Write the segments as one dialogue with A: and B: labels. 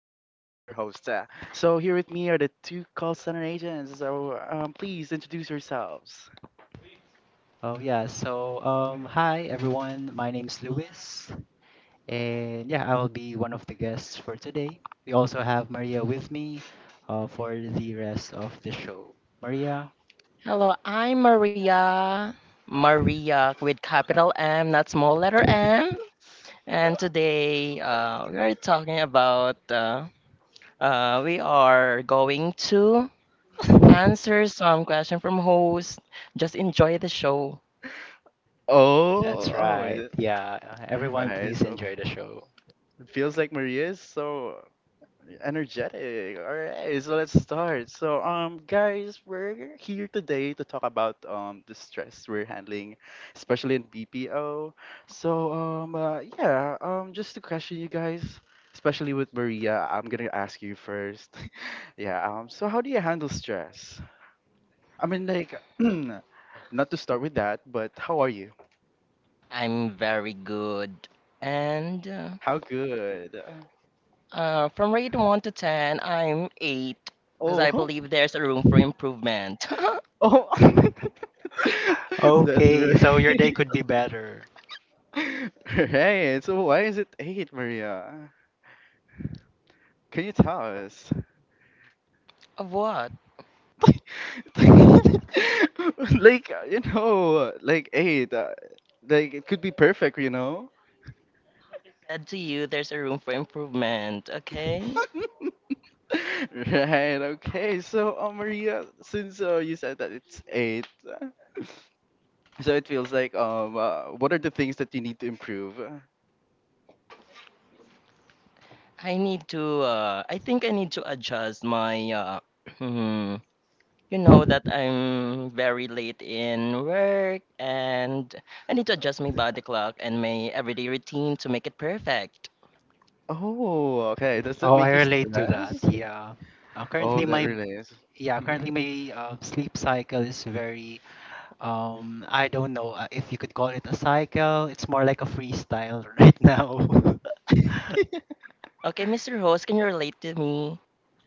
A: your host. So here with me are the two call center agents. So please introduce yourselves.
B: Oh yeah, so hi everyone, my name's Luis and yeah, I will be one of the guests for today. We also have Maria with me for the rest of the show. Maria,
C: Hello, I'm Maria. Maria with capital M, not small letter M. And today we are going to answer some question from host. Just enjoy the show.
A: Oh,
B: that's
A: oh, is
B: right.
A: it?
B: Yeah, everyone
A: Right.
B: please
A: So
B: enjoy the show.
A: it feels like Maria is so energetic. All right, so let's start. So, guys, we're here today to talk about the stress we're handling, especially in BPO. So, yeah, just to question you guys, especially with Maria, I'm gonna ask you first. Yeah. So, how do you handle stress? I mean, like, not to start with that, but how are you?
C: I'm very good. And
A: How good?
C: from rate 1 to 10, I'm 8 because
A: Oh,
C: I believe there's a room for improvement.
A: oh. That's
B: Okay, so your day
A: right.
B: could be better.
A: Hey, so why is it eight, Maria? Can you tell us?
C: Of what?
A: Like, you know, like eight. Like it could be perfect, you know.
C: Said to you, there's a room for improvement, okay?
A: Right. Okay. So, Maria, since you said that it's eight, so it feels like what are the things that you need to improve?
C: I need to I think I need to adjust my you know that I'm very late in work, and I need to adjust my body clock and my everyday routine to make it perfect.
A: Oh, okay. Does that
B: Oh, I
A: make you
B: relate to that.
A: stressed?
B: Yeah. Uh,
A: Oh,
B: currently
A: that
B: my
A: really is.
B: yeah,
A: Mhm.
B: currently my sleep cycle is very I don't know if you could call it a cycle. It's more like a freestyle right now.
C: Okay, Mr. Host, can you relate to me?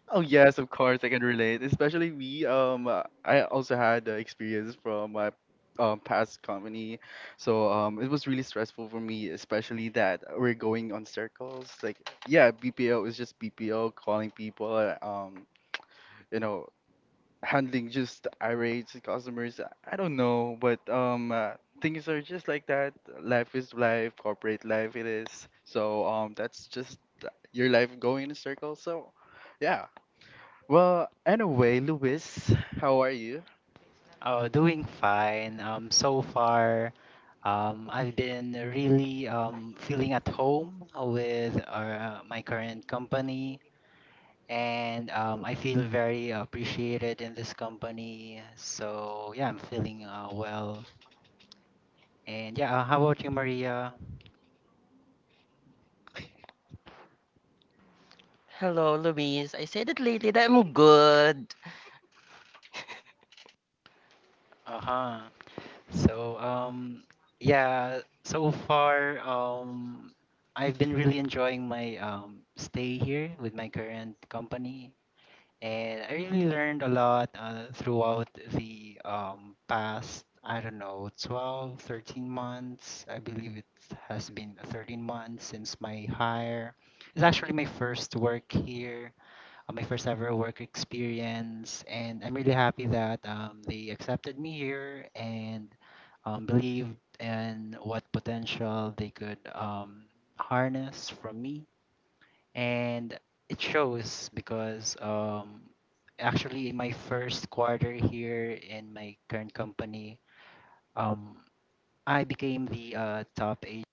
A: Oh yes, of course I can relate. Especially we, I also had the experience from my past company, so it was really stressful for me, especially that we're going on circles. Like, yeah, BPO is just BPO, calling people, you know, handling just irate customers. I don't know, but things are just like that. Life is life, corporate life it is. So that's just your life going in a circle. So. Yeah, well, anyway, Luis, how are you?
B: Oh, doing fine. So far, I've been really feeling at home with my current company, and I feel very appreciated in this company. So yeah, I'm feeling well. And yeah, how about you, Maria?
C: Hello, Louise. I said it lately that I'm good.
B: Uh huh. So yeah, so far I've been really enjoying my stay here with my current company and I really learned a lot throughout the past I don't know 12, 13 months. I believe it has been 13 months since my hire. It's actually my first work here my first ever work experience, and I'm really happy that they accepted me here and believed in what potential they could harness from me. And it shows because actually, in my first quarter here in my current company, um, I became the top agent.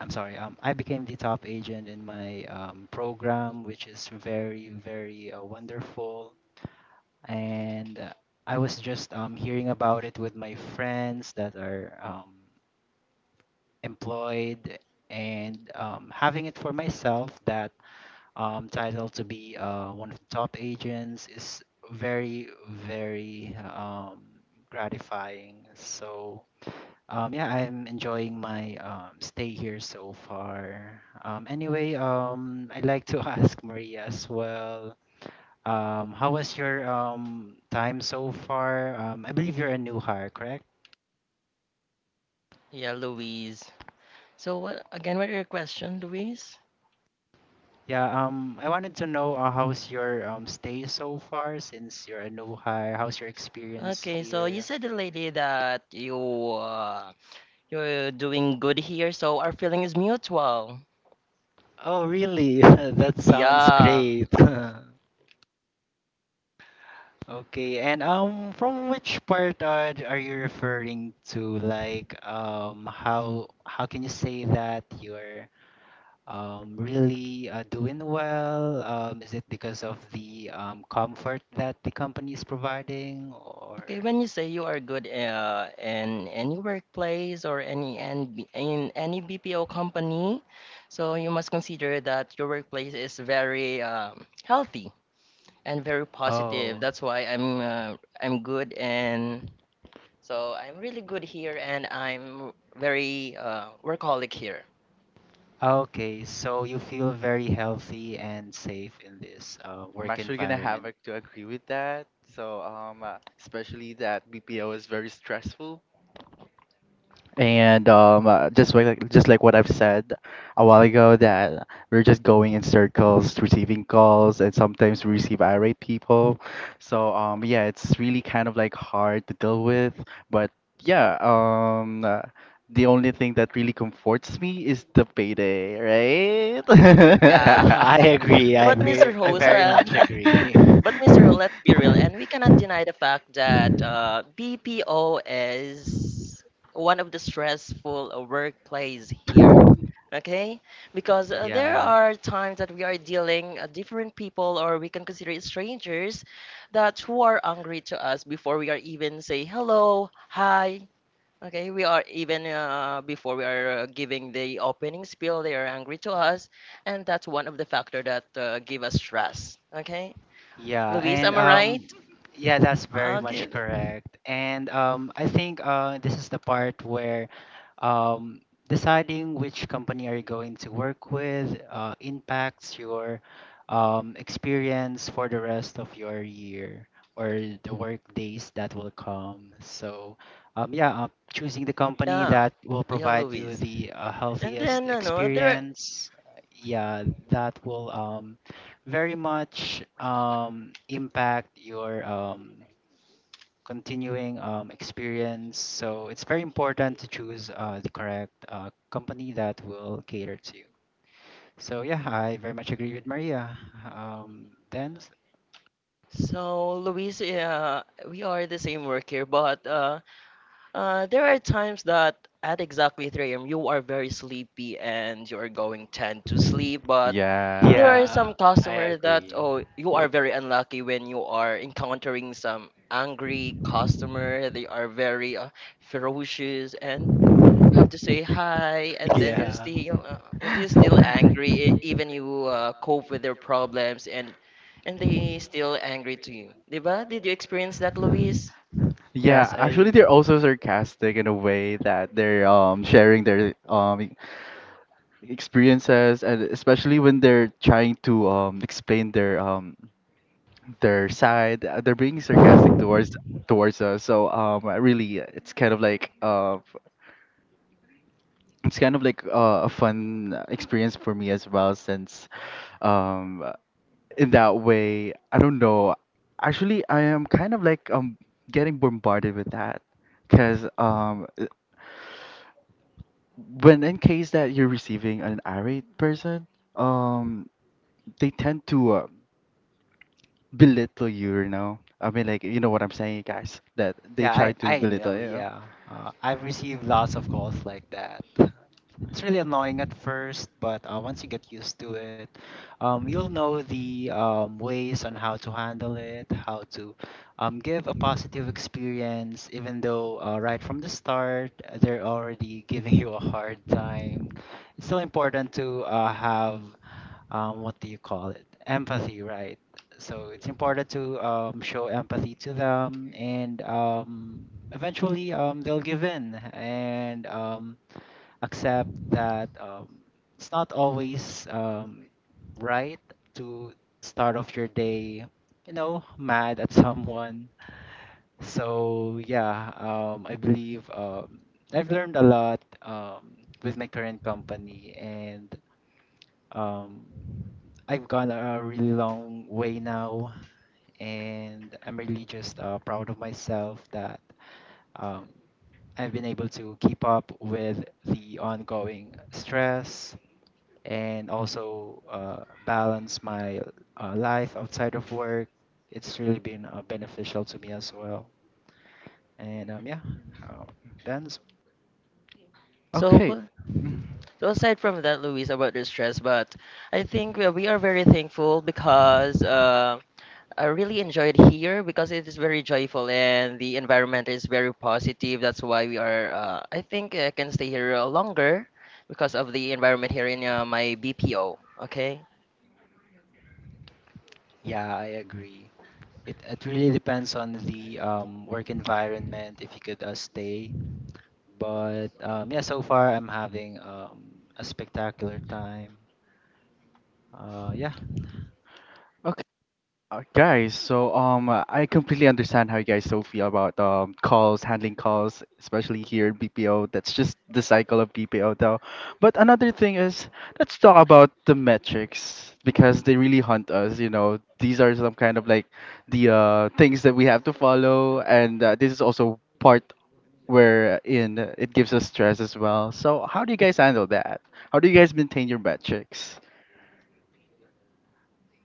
B: I'm sorry. I became the top agent in my program, which is very, very wonderful and I was just hearing about it with my friends that are employed and having it for myself that title to be one of the top agents is very very gratifying. So yeah, I'm enjoying my stay here so far. Anyway, I'd like to ask Maria as well. How was your time so far? I believe you're a new hire, correct?
C: Yeah, Louise. So what are your question, Louise?
B: Yeah. I wanted to know how's your stay so far since you're a new hire. How's your experience
C: Okay, so you
B: here?
C: said it lately that you you're doing good here, so our feeling is mutual.
B: Oh, really? That sounds
C: Yeah.
B: great. Okay, and from which part are you referring to? Like, how can you say that you're really doing well? Is it because of the comfort that the company is providing, or?
C: Okay, when you say you are good in any workplace or any NB, in any BPO company, so you must consider that your workplace is very healthy and very positive.
B: Oh,
C: That's why I'm good, and so I'm really good here, and I'm very workaholic here.
B: okay. So you feel very healthy and safe in this
A: I'm
B: work
A: actually gonna have
B: environment.
A: like, to agree with that. So, especially that BPO is very stressful, and just like what I've said a while ago, that we're just going in circles, receiving calls, and sometimes we receive irate people. So, yeah, it's really kind of like hard to deal with. But yeah, the only thing that really comforts me is the payday, right?
C: Yeah.
B: I agree.
C: But Mr.
B: I very
C: Hosa,
B: much agree.
C: but Mr. Let's be real, and we cannot deny the fact that BPO is one of the stressful workplace here. Okay, because there
B: Yeah.
C: are times that we are dealing different people, or we can consider it strangers, that who are angry to us before we are even say hello, hi. Okay, we are even before we are giving the opening spiel, they are angry to us, and that's one of the factor that give us stress. Okay,
B: Yeah,
C: Luis,
B: and
C: am
B: right
C: I right?
B: yeah, that's very
C: Ah, okay,
B: much correct. And I think this is the part where um deciding which company are you going to work with impacts your experience for the rest of your year or the work days that will come. So yeah, choosing the company
C: yeah,
B: that will
C: yeah,
B: provide you
C: Luis.
B: the
C: And
B: healthiest
C: then, no, there are,
B: experience, yeah, that will very much impact your continuing experience. So it's very important to choose the correct company that will cater to you. So yeah, I very much agree with Maria. Then
C: so Luis, yeah, we are the same work here, but there are times that at exactly 3 a.m. you are very sleepy and you are going tend to sleep, but there
A: Yeah.
C: are
B: Yeah,
C: some
B: I
C: customer that
B: agree.
C: oh you are very unlucky when you are encountering some angry customer. They are very ferocious and have to say hi, and then you're
B: yeah,
C: still uh, and you're still angry. Even you cope with their problems, and they still angry to you, diba? Did you experience that, Luis?
B: yes,
A: Yeah, actually,
B: I
A: they're also sarcastic in a way that they're sharing their experiences, and especially when they're trying to explain their side. They're being sarcastic towards us. So it's kind of like a fun experience for me as well. Since um, uh, in that way, I don't know. Actually, I am kind of like getting bombarded with that because when in case that you're receiving an irate person, um they tend to belittle you, you know. I mean, like you know what I'm saying, guys. That they
B: yeah I
A: try to
B: I know
A: belittle you.
B: yeah. I've received lots of calls like that. It's really annoying at first, but once you get used to it, you'll know the ways on how to handle it, how to give a positive experience, even though right from the start they're already giving you a hard time. It's still important to have what do you call it? Empathy, right? So it's important to show empathy to them, and eventually, they'll give in and. Accept that it's not always right to start off your day, you know, mad at someone. So yeah, I believe I've learned a lot with my current company, and um, I've gone a really long way now, and I'm really just proud of myself that um, I've been able to keep up with the ongoing stress and also balance my life outside of work. It's really been beneficial to me as well. And yeah, uh, that's
C: So,
A: Okay. Mm,
C: so aside from that, Luis, about the stress, but I think we are very thankful because I really enjoyed here because it is very joyful and the environment is very positive. That's why we are. I think I can stay here longer because of the environment here in my BPO. Okay.
B: yeah, I agree. It really depends on the work
A: okay.
B: environment if you could stay. But yeah, so far I'm having a spectacular time. Uh, yeah,
A: Okay. Guys, so I completely understand how you guys so feel about calls, handling calls, especially here in BPO. That's just the cycle of BPO, though. But another thing is, let's talk about the metrics because they really hunt us. You know, these are some kind of like the things that we have to follow, and this is also part where in it gives us stress as well. So how do you guys handle that? How do you guys maintain your metrics?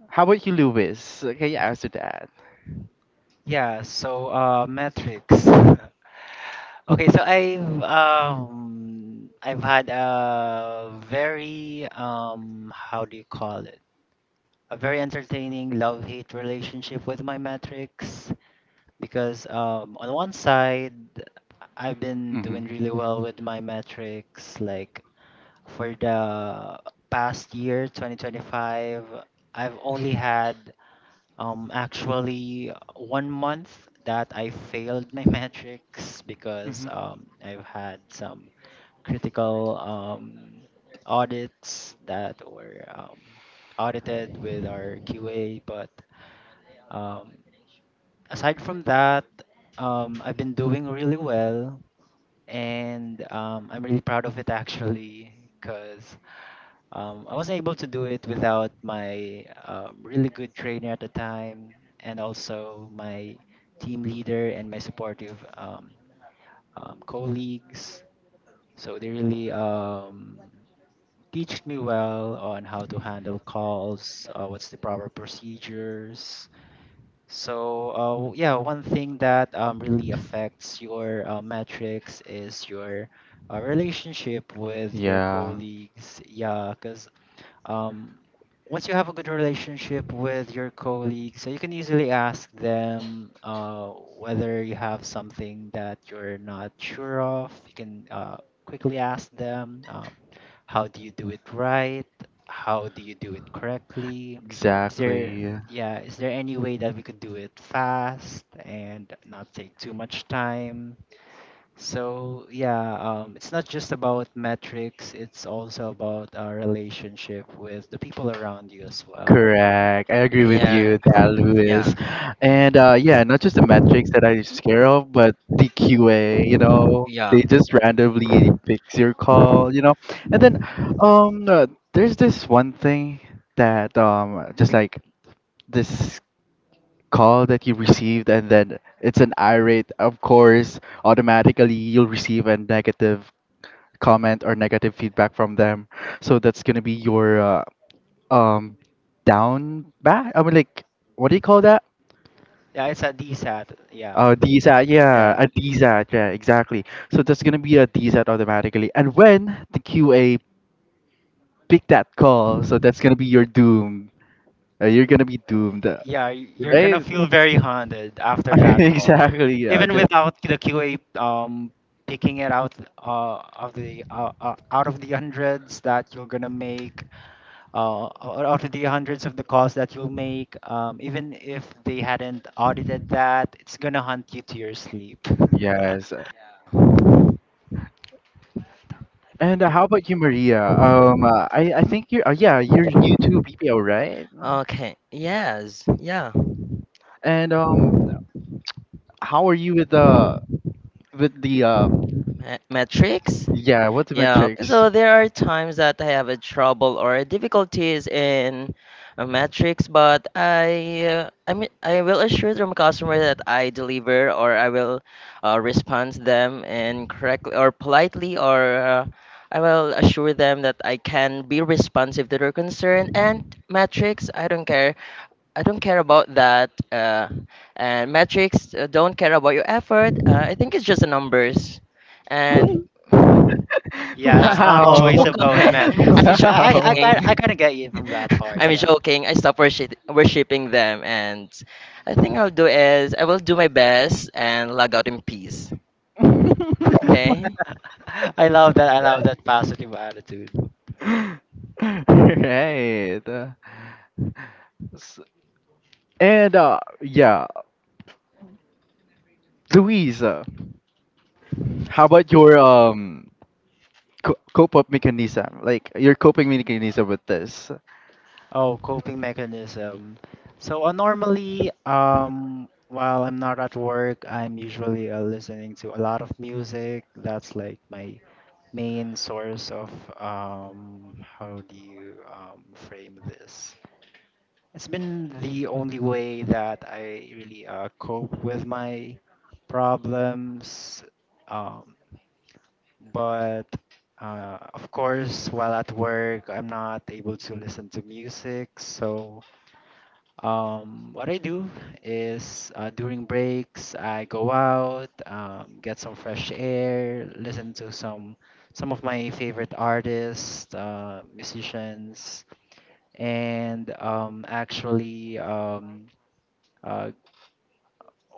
A: How about you, Lewis? Can you answer that?
B: yeah. So metrics. Okay, so I've had a very how do you call it? A very entertaining love-hate relationship with my metrics because on one side I've been
A: Mm-hmm.
B: doing really well with my metrics like for the past year 2025 I've only had one month that I failed my metrics
A: Mm-hmm.
B: because I've had some critical audits that were audited with our QA. But um, aside from that, I've been doing really well, and I'm really proud of it actually because I was able to do it without my really good trainer at the time, and also my team leader and my supportive colleagues. So they really teached me well on how to handle calls, what's the proper procedures. So yeah, one thing that really affects your metrics is your relationship with your
A: Yeah,
B: colleagues. Yeah, 'cause um, once you have a good relationship with your colleagues, so you can easily ask them whether you have something that you're not sure of. You can quickly ask them, how do you do it right? How do you do it correctly? Is there,
A: exactly.
B: yeah, is there any way that we could do it fast and not take too much time? So yeah, it's not just about metrics. It's also about our relationship with the people around you as well.
A: Correct. I agree with
C: Yeah,
A: you, that
C: yeah,
B: Mhm.
A: Lewis. And yeah, not just the metrics that I'm scared of, but the QA, you know,
C: yeah.
A: they just randomly picks your call, you know. And then um, uh, there's this one thing that just like this call that you received, and then it's an irate, of course, automatically you'll receive a negative comment or negative feedback from them. So that's gonna be your um down back. I mean, like what do you call that?
B: Yeah, it's a DSAT. Yeah,
A: DSAT, yeah,
B: yeah,
A: a DSAT, yeah, exactly. So that's gonna be a DSAT automatically. And when the QA pick that call, so that's gonna be your doom. You're gonna be doomed,
B: yeah. y- You're gonna
A: right?
B: feel very haunted after that call,
A: Exactly. Yeah.
B: even
A: That.
B: without the QA picking it out uh, of the out of the hundreds that you're gonna make. Out of the hundreds of the calls that you'll make, even if they hadn't audited that, it's gonna hunt you to your sleep.
A: Yes. And how about you, Maria? I think you're yeah you're new to BPO, right?
C: Okay, yes, yeah.
A: And how are you with the
C: Ma- Matrix?
A: yeah, what's the
C: Yeah, okay.
A: metrics?
C: So there are times that I have a trouble or difficulties in a matrix, but I mean I will assure them customer that I deliver, or I will respond them and correctly or politely, or I will assure them that I can be responsive to their concern. And matrix, I don't care about that. And metrics don't care about your effort. I think it's just the numbers. And
B: Yeah,
C: ha,
B: it's not
A: Wow.
B: always
C: joke on
B: about
C: it.
B: metrics.
C: I'm
A: Wow.
B: I
C: joking.
B: kind of get you from that part.
C: I'm
B: Yeah,
C: joking. I stop worshiping them, and I think I'll do is I will do my best and log out in peace. Okay,
B: I love that. I love that positive attitude.
A: Right. S- And yeah, Louise, how about your cope up mechanism? Like your coping mechanism with this?
B: Oh, coping mechanism. So normally, while I'm not at work, I'm usually listening to a lot of music. That's like my main source of how do you frame this. It's been the only way that I really cope with my problems. Um but of course while at work I'm not able to listen to music, so what I do is during breaks, I go out, get some fresh air, listen to some of my favorite artists, musicians, and uh,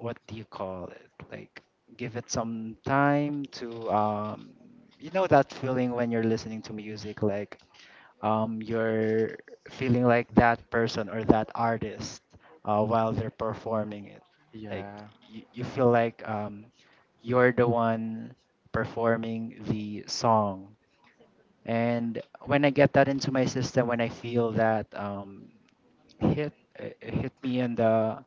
B: what do you call it? Like, give it some time to you know that feeling when you're listening to music, like you're feeling like that person or that artist while they're performing it. Like
A: Yeah.
B: you feel like you're the one performing the song. And when I get that into my system, when I feel that hit, it hit me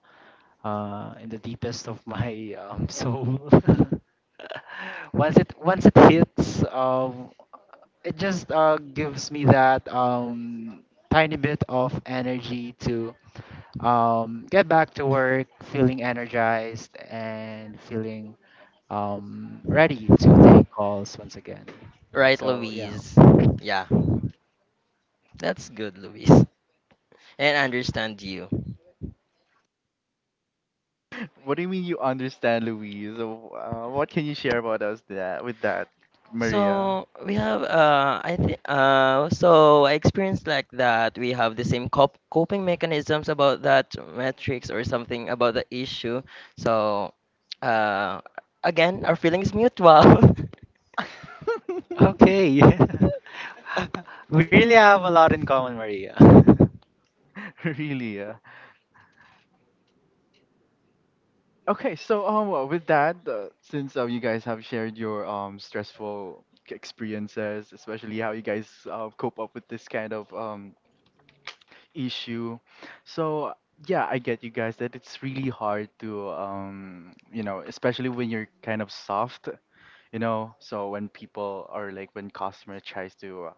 B: in the deepest of my soul. Once it hits, it just gives me that tiny bit of energy to get back to work feeling energized and feeling ready to take calls once again.
C: right,
B: So, yeah.
C: Louise? Yeah, that's good, Louise. And I understand you.
A: What do you mean you understand, Louise? What can you share about us that with that, Maria?
C: So we have I think so I experienced like that we have the same coping mechanisms about that metrics or something about the issue. So uh again our feelings mutual.
B: Okay. We really have a lot in common, Maria.
A: Really? Yeah. Okay, so well, with that, since you guys have shared your stressful experiences, especially how you guys cope up with this kind of issue, so yeah, I get you guys that it's really hard to you know, especially when you're kind of soft, you know, so when people are like when customer tries to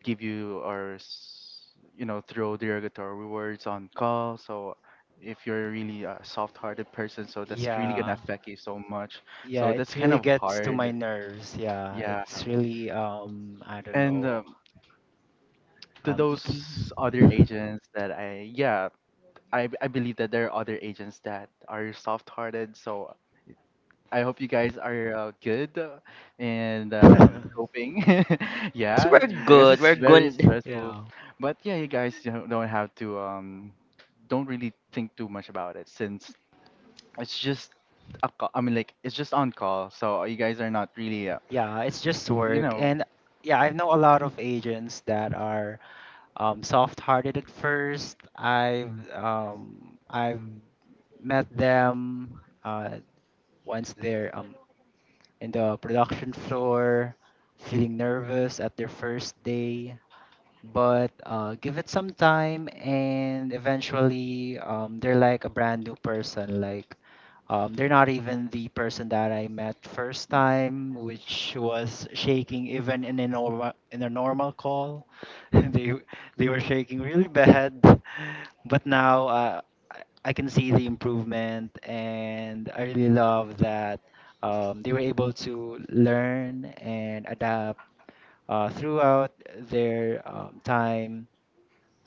A: give you or you know throw derogatory words on call. So if you're really a soft-hearted person, so that's really gonna
B: Yeah.
A: affect you so much,
B: Yeah,
A: so that's
B: it
A: kind
B: really
A: of
B: gets to my
A: hard,
B: nerves. Yeah,
A: yeah.
B: it's really I don't
A: And
B: know,
A: to
B: icky.
A: those other agents that I yeah, I believe that there are other agents that are soft-hearted, so I hope you guys are good and coping.
C: So
A: Yeah,
C: we're
A: do you- because
C: good,
A: it's
C: we're
A: very
C: good.
A: stressful.
B: yeah.
A: But yeah, you guys don't have to don't really think too much about it, since it's just a call. I mean, like it's just on call, so you guys are not really,
B: Yeah, it's just
A: you
B: work.
A: know.
B: And yeah, I know a lot of agents that are soft-hearted at first. I've met them once they're in the production floor, feeling nervous at their first day but give it some time and eventually they're like a brand new person like they're not even the person that I met first time, which was shaking even in a normal call. they they were shaking really bad but now I can see the improvement and I really love that they were able to learn and adapt throughout their time,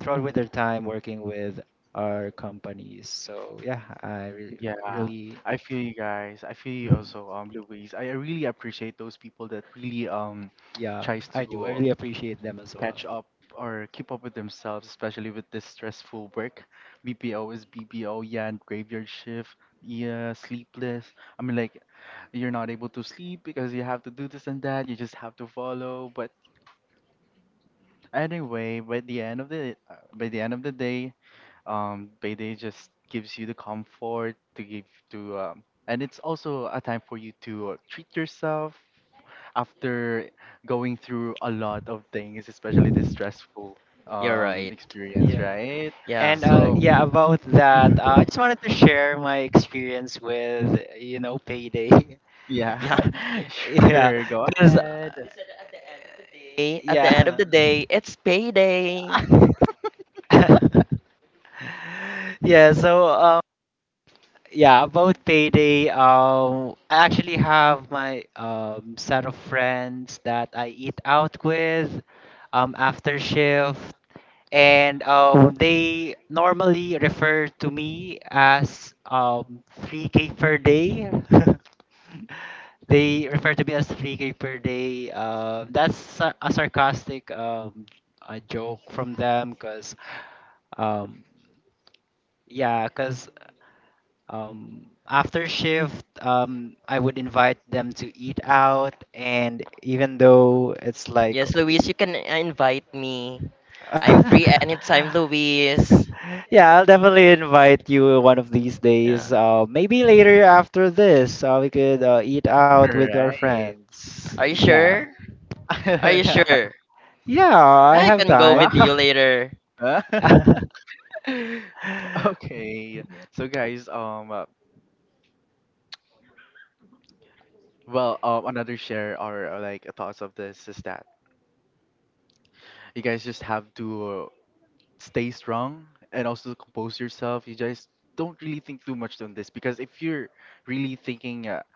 B: throughout with their time working with our companies.
A: Yeah,
B: Really,
A: I feel you guys. I feel you
B: mhm.
A: also, Louise. I really appreciate those people that really
B: yeah,
A: tries to
B: I do. I really appreciate them as well.
A: catch up or keep up with themselves, especially with this stressful work. BPO is BPO, yeah, and graveyard shift, yeah, sleepless. I mean, like, you're not able to sleep because you have to do this and that. You just have to follow. But anyway, by the end of the day, payday just gives you the comfort to give to and it's also a time for you to treat yourself after going through a lot of things, especially the stressful
C: You're right.
A: experience,
B: Yeah.
A: right?
C: Yeah.
B: And
A: So
B: yeah, about
A: Mhm.
B: that, I just wanted to share my experience with, you know, payday.
C: Yeah.
A: Yeah,
B: Y- Yeah,
A: sure, go
B: because
A: ahead.
C: Hey, at the end of the
B: yeah.
C: day, it's payday.
B: yeah, so um, Yeah, about payday, I actually have my set of friends that I eat out with after shift, and they normally refer to me as 3K per day. They refer to me as 3K per day. That's a sarcastic a joke from them because um, yeah, because after shift, I would invite them to eat out, and even though it's like,
C: Yes, Luis, you can invite me. I'm free anytime, Luis.
B: yeah, I'll definitely invite you one of these days.
C: Yeah.
B: Maybe later after this, we could eat out with our
A: Right.
B: friends.
C: Are you
B: Yeah,
C: sure? Are you sure?
B: yeah, I
C: I
B: have
C: can go
B: time.
C: with
A: Wow.
C: you later.
A: Okay. So guys, well, another share or like thoughts of this is that you guys just have to stay strong and also compose yourself. You just don't really think too much on this, because if you're really thinking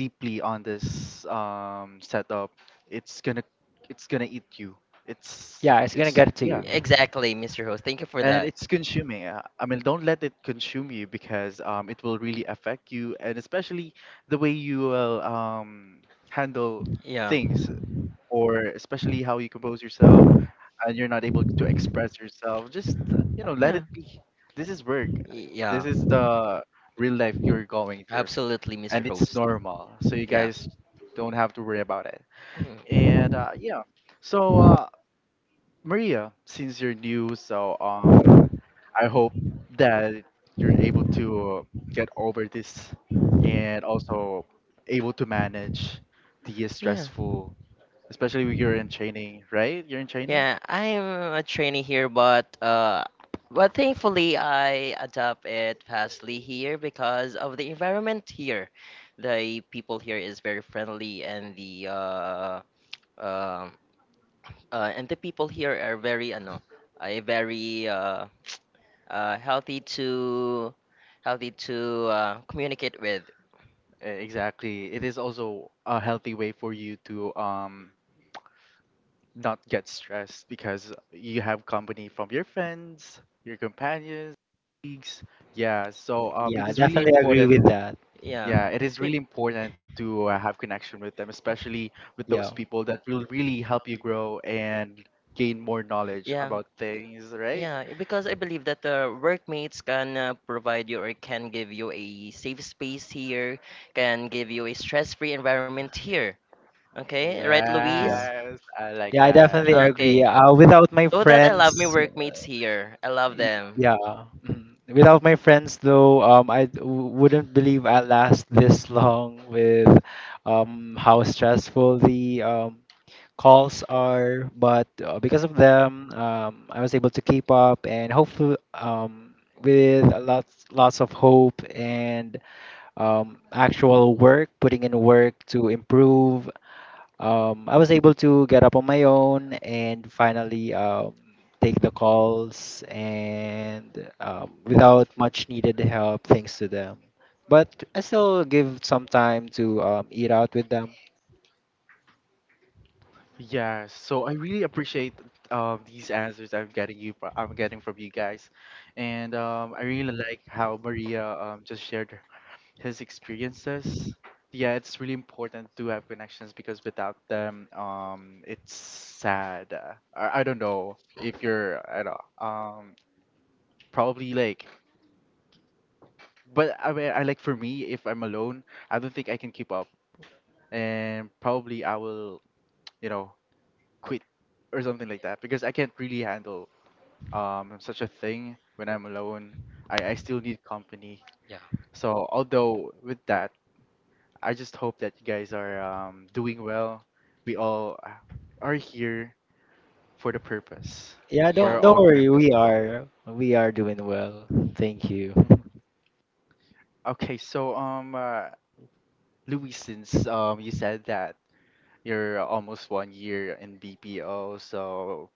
A: deeply on this setup, it's gonna eat you.
B: yeah, it's gonna
A: It's
B: get to
A: yeah,
B: you.
C: Exactly, Mr. Host. Thank you for
A: and
C: that.
A: it's consuming. I mean, don't let it consume you, because it will really affect you, and especially the way you will handle
C: Yeah.
A: things, or especially how you compose yourself and you're not able to express yourself, just you know, let
C: Yeah.
A: it be. This is work.
C: Y- Yeah.
A: This is the real life you're going through,
C: Absolutely, Mr.
A: and
C: Host.
A: it's normal. So you
C: Yeah.
A: guys don't have to worry about it.
C: Mhm.
A: And yeah, so Maria, since you're new, so I hope that you're able to get over this, and also able to manage the
C: Yeah.
A: stressful, especially when you're in training, right? You're in training.
C: Yeah, I'm a trainee here, but thankfully I adapt it fastly here because of the environment here. The people here is very friendly, um and the people here are very, ano, very healthy to communicate with.
A: E- Exactly. It is also a healthy way for you to not get stressed, because you have company from your friends, your companions, colleagues. Yeah, so
B: Yeah, I
A: it is really
B: definitely agree
A: important.
B: with that.
C: Yeah.
B: Mhm.
A: Yeah, it is
C: Be-
A: really important to have connection with them, especially with
B: Yeah,
A: those people that will really help you grow and gain more knowledge
C: Yeah,
A: about things, right?
C: yeah, because I believe that the workmates can provide you or can give you a safe space here, can give you a stress-free environment here. Okay, right, Louise?
B: yeah.
A: Yes, I
B: Yeah,
A: like
B: I
A: that.
B: definitely agree.
C: Okay,
B: Without my
C: so that I love my
B: friends, y-
C: workmates here. I love them.
B: yeah, mm. without my friends though, I wouldn't believe I last this long with how stressful the calls are. But because of them, I was able to keep up and hopefully with a lots of hope and actual work, putting in work to improve I was able to get up on my own and finally take the calls and without much needed help, thanks to them. But I still give some time to eat out with them.
A: Yeah, so I really appreciate these answers I'm getting you I'm getting from you guys. And I really like how Maria just shared his experiences. Yeah, it's really important to have connections, because without them, it's sad. I don't know if you're at all. Probably like, but I mean I like, for me, if I'm alone, I don't think I can keep up and probably I will, you know, quit or something like that, because I can't really handle such a thing when I'm alone. I still need company.
C: Yeah,
A: So although with that, I just hope that you guys are doing well. We all are here for the purpose,
B: Yeah,
A: for
C: yeah,
B: don't
A: our
B: don't
A: own
B: worry. We
A: purpose.
B: are we are doing well. Thank you.
A: Okay, so Louis, since you said that you're almost 1 year in BPO, so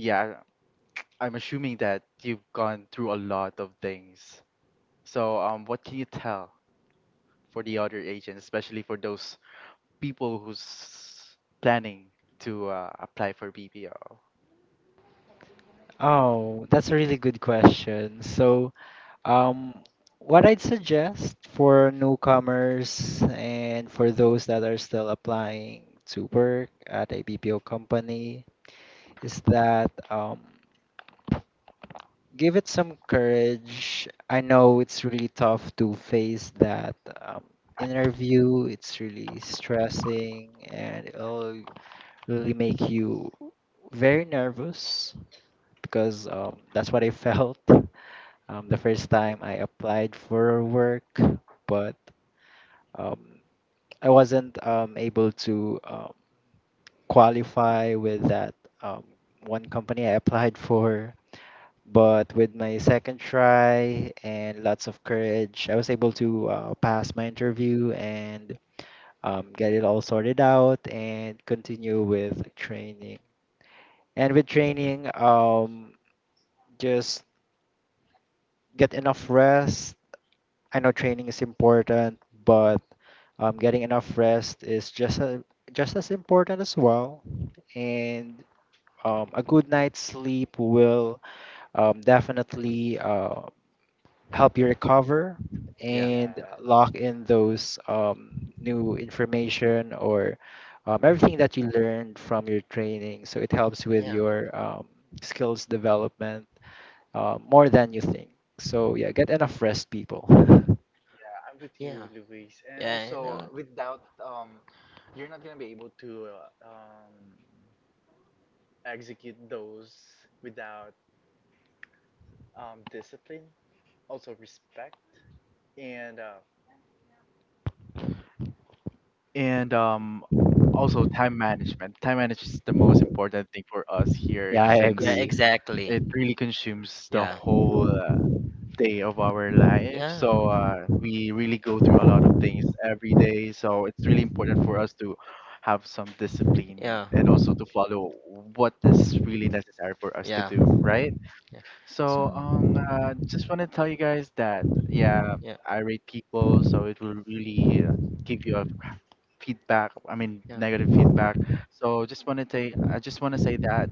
A: yeah, I'm assuming that you've gone through a lot of things. So, what can you tell for the other agents, especially for those people who's planning to apply for BPO?
B: Oh, that's a really good question. So Um, what I'd suggest for newcomers and for those that are still applying to work at a BPO company is that give it some courage. I know it's really tough to face that um, interview, it's really stressing and it'll really make you very nervous because that's what I felt the first time I applied for work. But um, I wasn't able to qualify with that um, one company I applied for. But with my second try and lots of courage, I was able to pass my interview and get it all sorted out and continue with training. And with training, just get enough rest. I know training is important, but getting enough rest is just just as important as well. And a good night's sleep will definitely help you recover
C: yeah,
B: and
A: Yes,
B: lock in those new information or everything that you learned from your training. So it helps with
C: yeah,
B: your skills development more than you think. So yeah, get enough rest, people.
A: I'm with
C: yeah,
A: you, Luis. And
C: yeah. I
A: also,
C: know.
A: without you're not gonna be able to uh, um, execute those without discipline, also respect, and and also time management. Time management is the most important thing for us here,
B: Yeah, I
C: Yeah,
A: since
B: agree.
C: exactly.
A: it really consumes the
C: Yeah.
A: whole day of our life.
C: Yeah.
A: So we really go through a lot of things every day. So it's really important for us to have some discipline
C: Yeah.
A: and also to follow what is really necessary for us to do, right?
C: Yeah.
A: So
C: Oh,
A: just want to tell you guys that yeah,
C: yeah.
A: I rate people, so it will really give you a feedback. I mean, negative feedback. So just want to say, that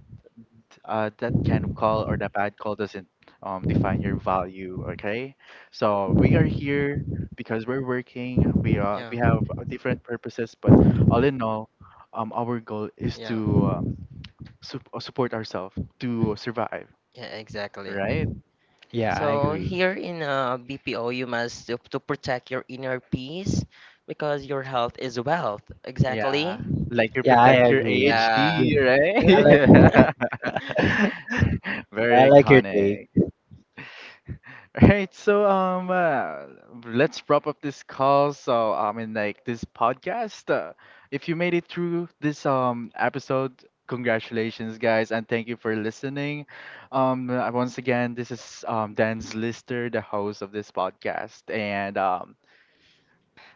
A: that kind of call or that bad call doesn't define your value. Okay, so we are here because we're working. We have different purposes, but all in all, our goal is to support ourselves to survive.
C: Yeah, exactly.
A: Right?
B: Yeah, I
C: So
B: agree.
C: here in BPO, you must to protect your inner peace because your health is wealth. Yeah,
A: Yeah. Like you
B: Yeah, I
A: protect your
B: agree.
C: yeah.
B: Yeah,
A: AHD,
B: I
C: Exactly,
B: like
C: right?
A: right?
B: I
A: Very
B: like your take.
A: iconic. Alright, so let's wrap up this call. So I mean, like this podcast. If you made it through this episode, congratulations, guys, and thank you for listening. Once again, this is Dan's Lister, the host of this podcast, and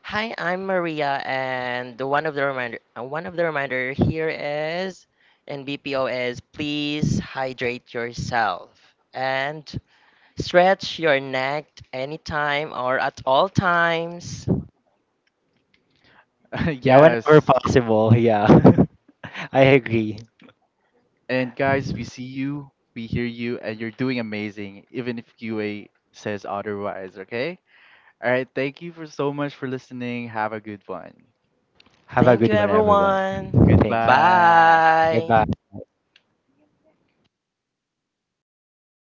C: Hi, I'm Maria, and the one of the reminder, one of the reminder here is, and BPO is, please hydrate yourself and stretch your neck anytime or at all times.
B: Yeah, whenever
A: yes,
B: possible. Yeah. I agree.
A: and guys, we see you, we hear you, and you're doing amazing, even if QA says otherwise. Okay. All right. Thank you for so much for listening. Have a good one.
B: Have a
C: Thank you,
B: good one, everyone.
C: everyone.
B: Thank you.
A: Goodbye.
C: Bye.
B: Goodbye.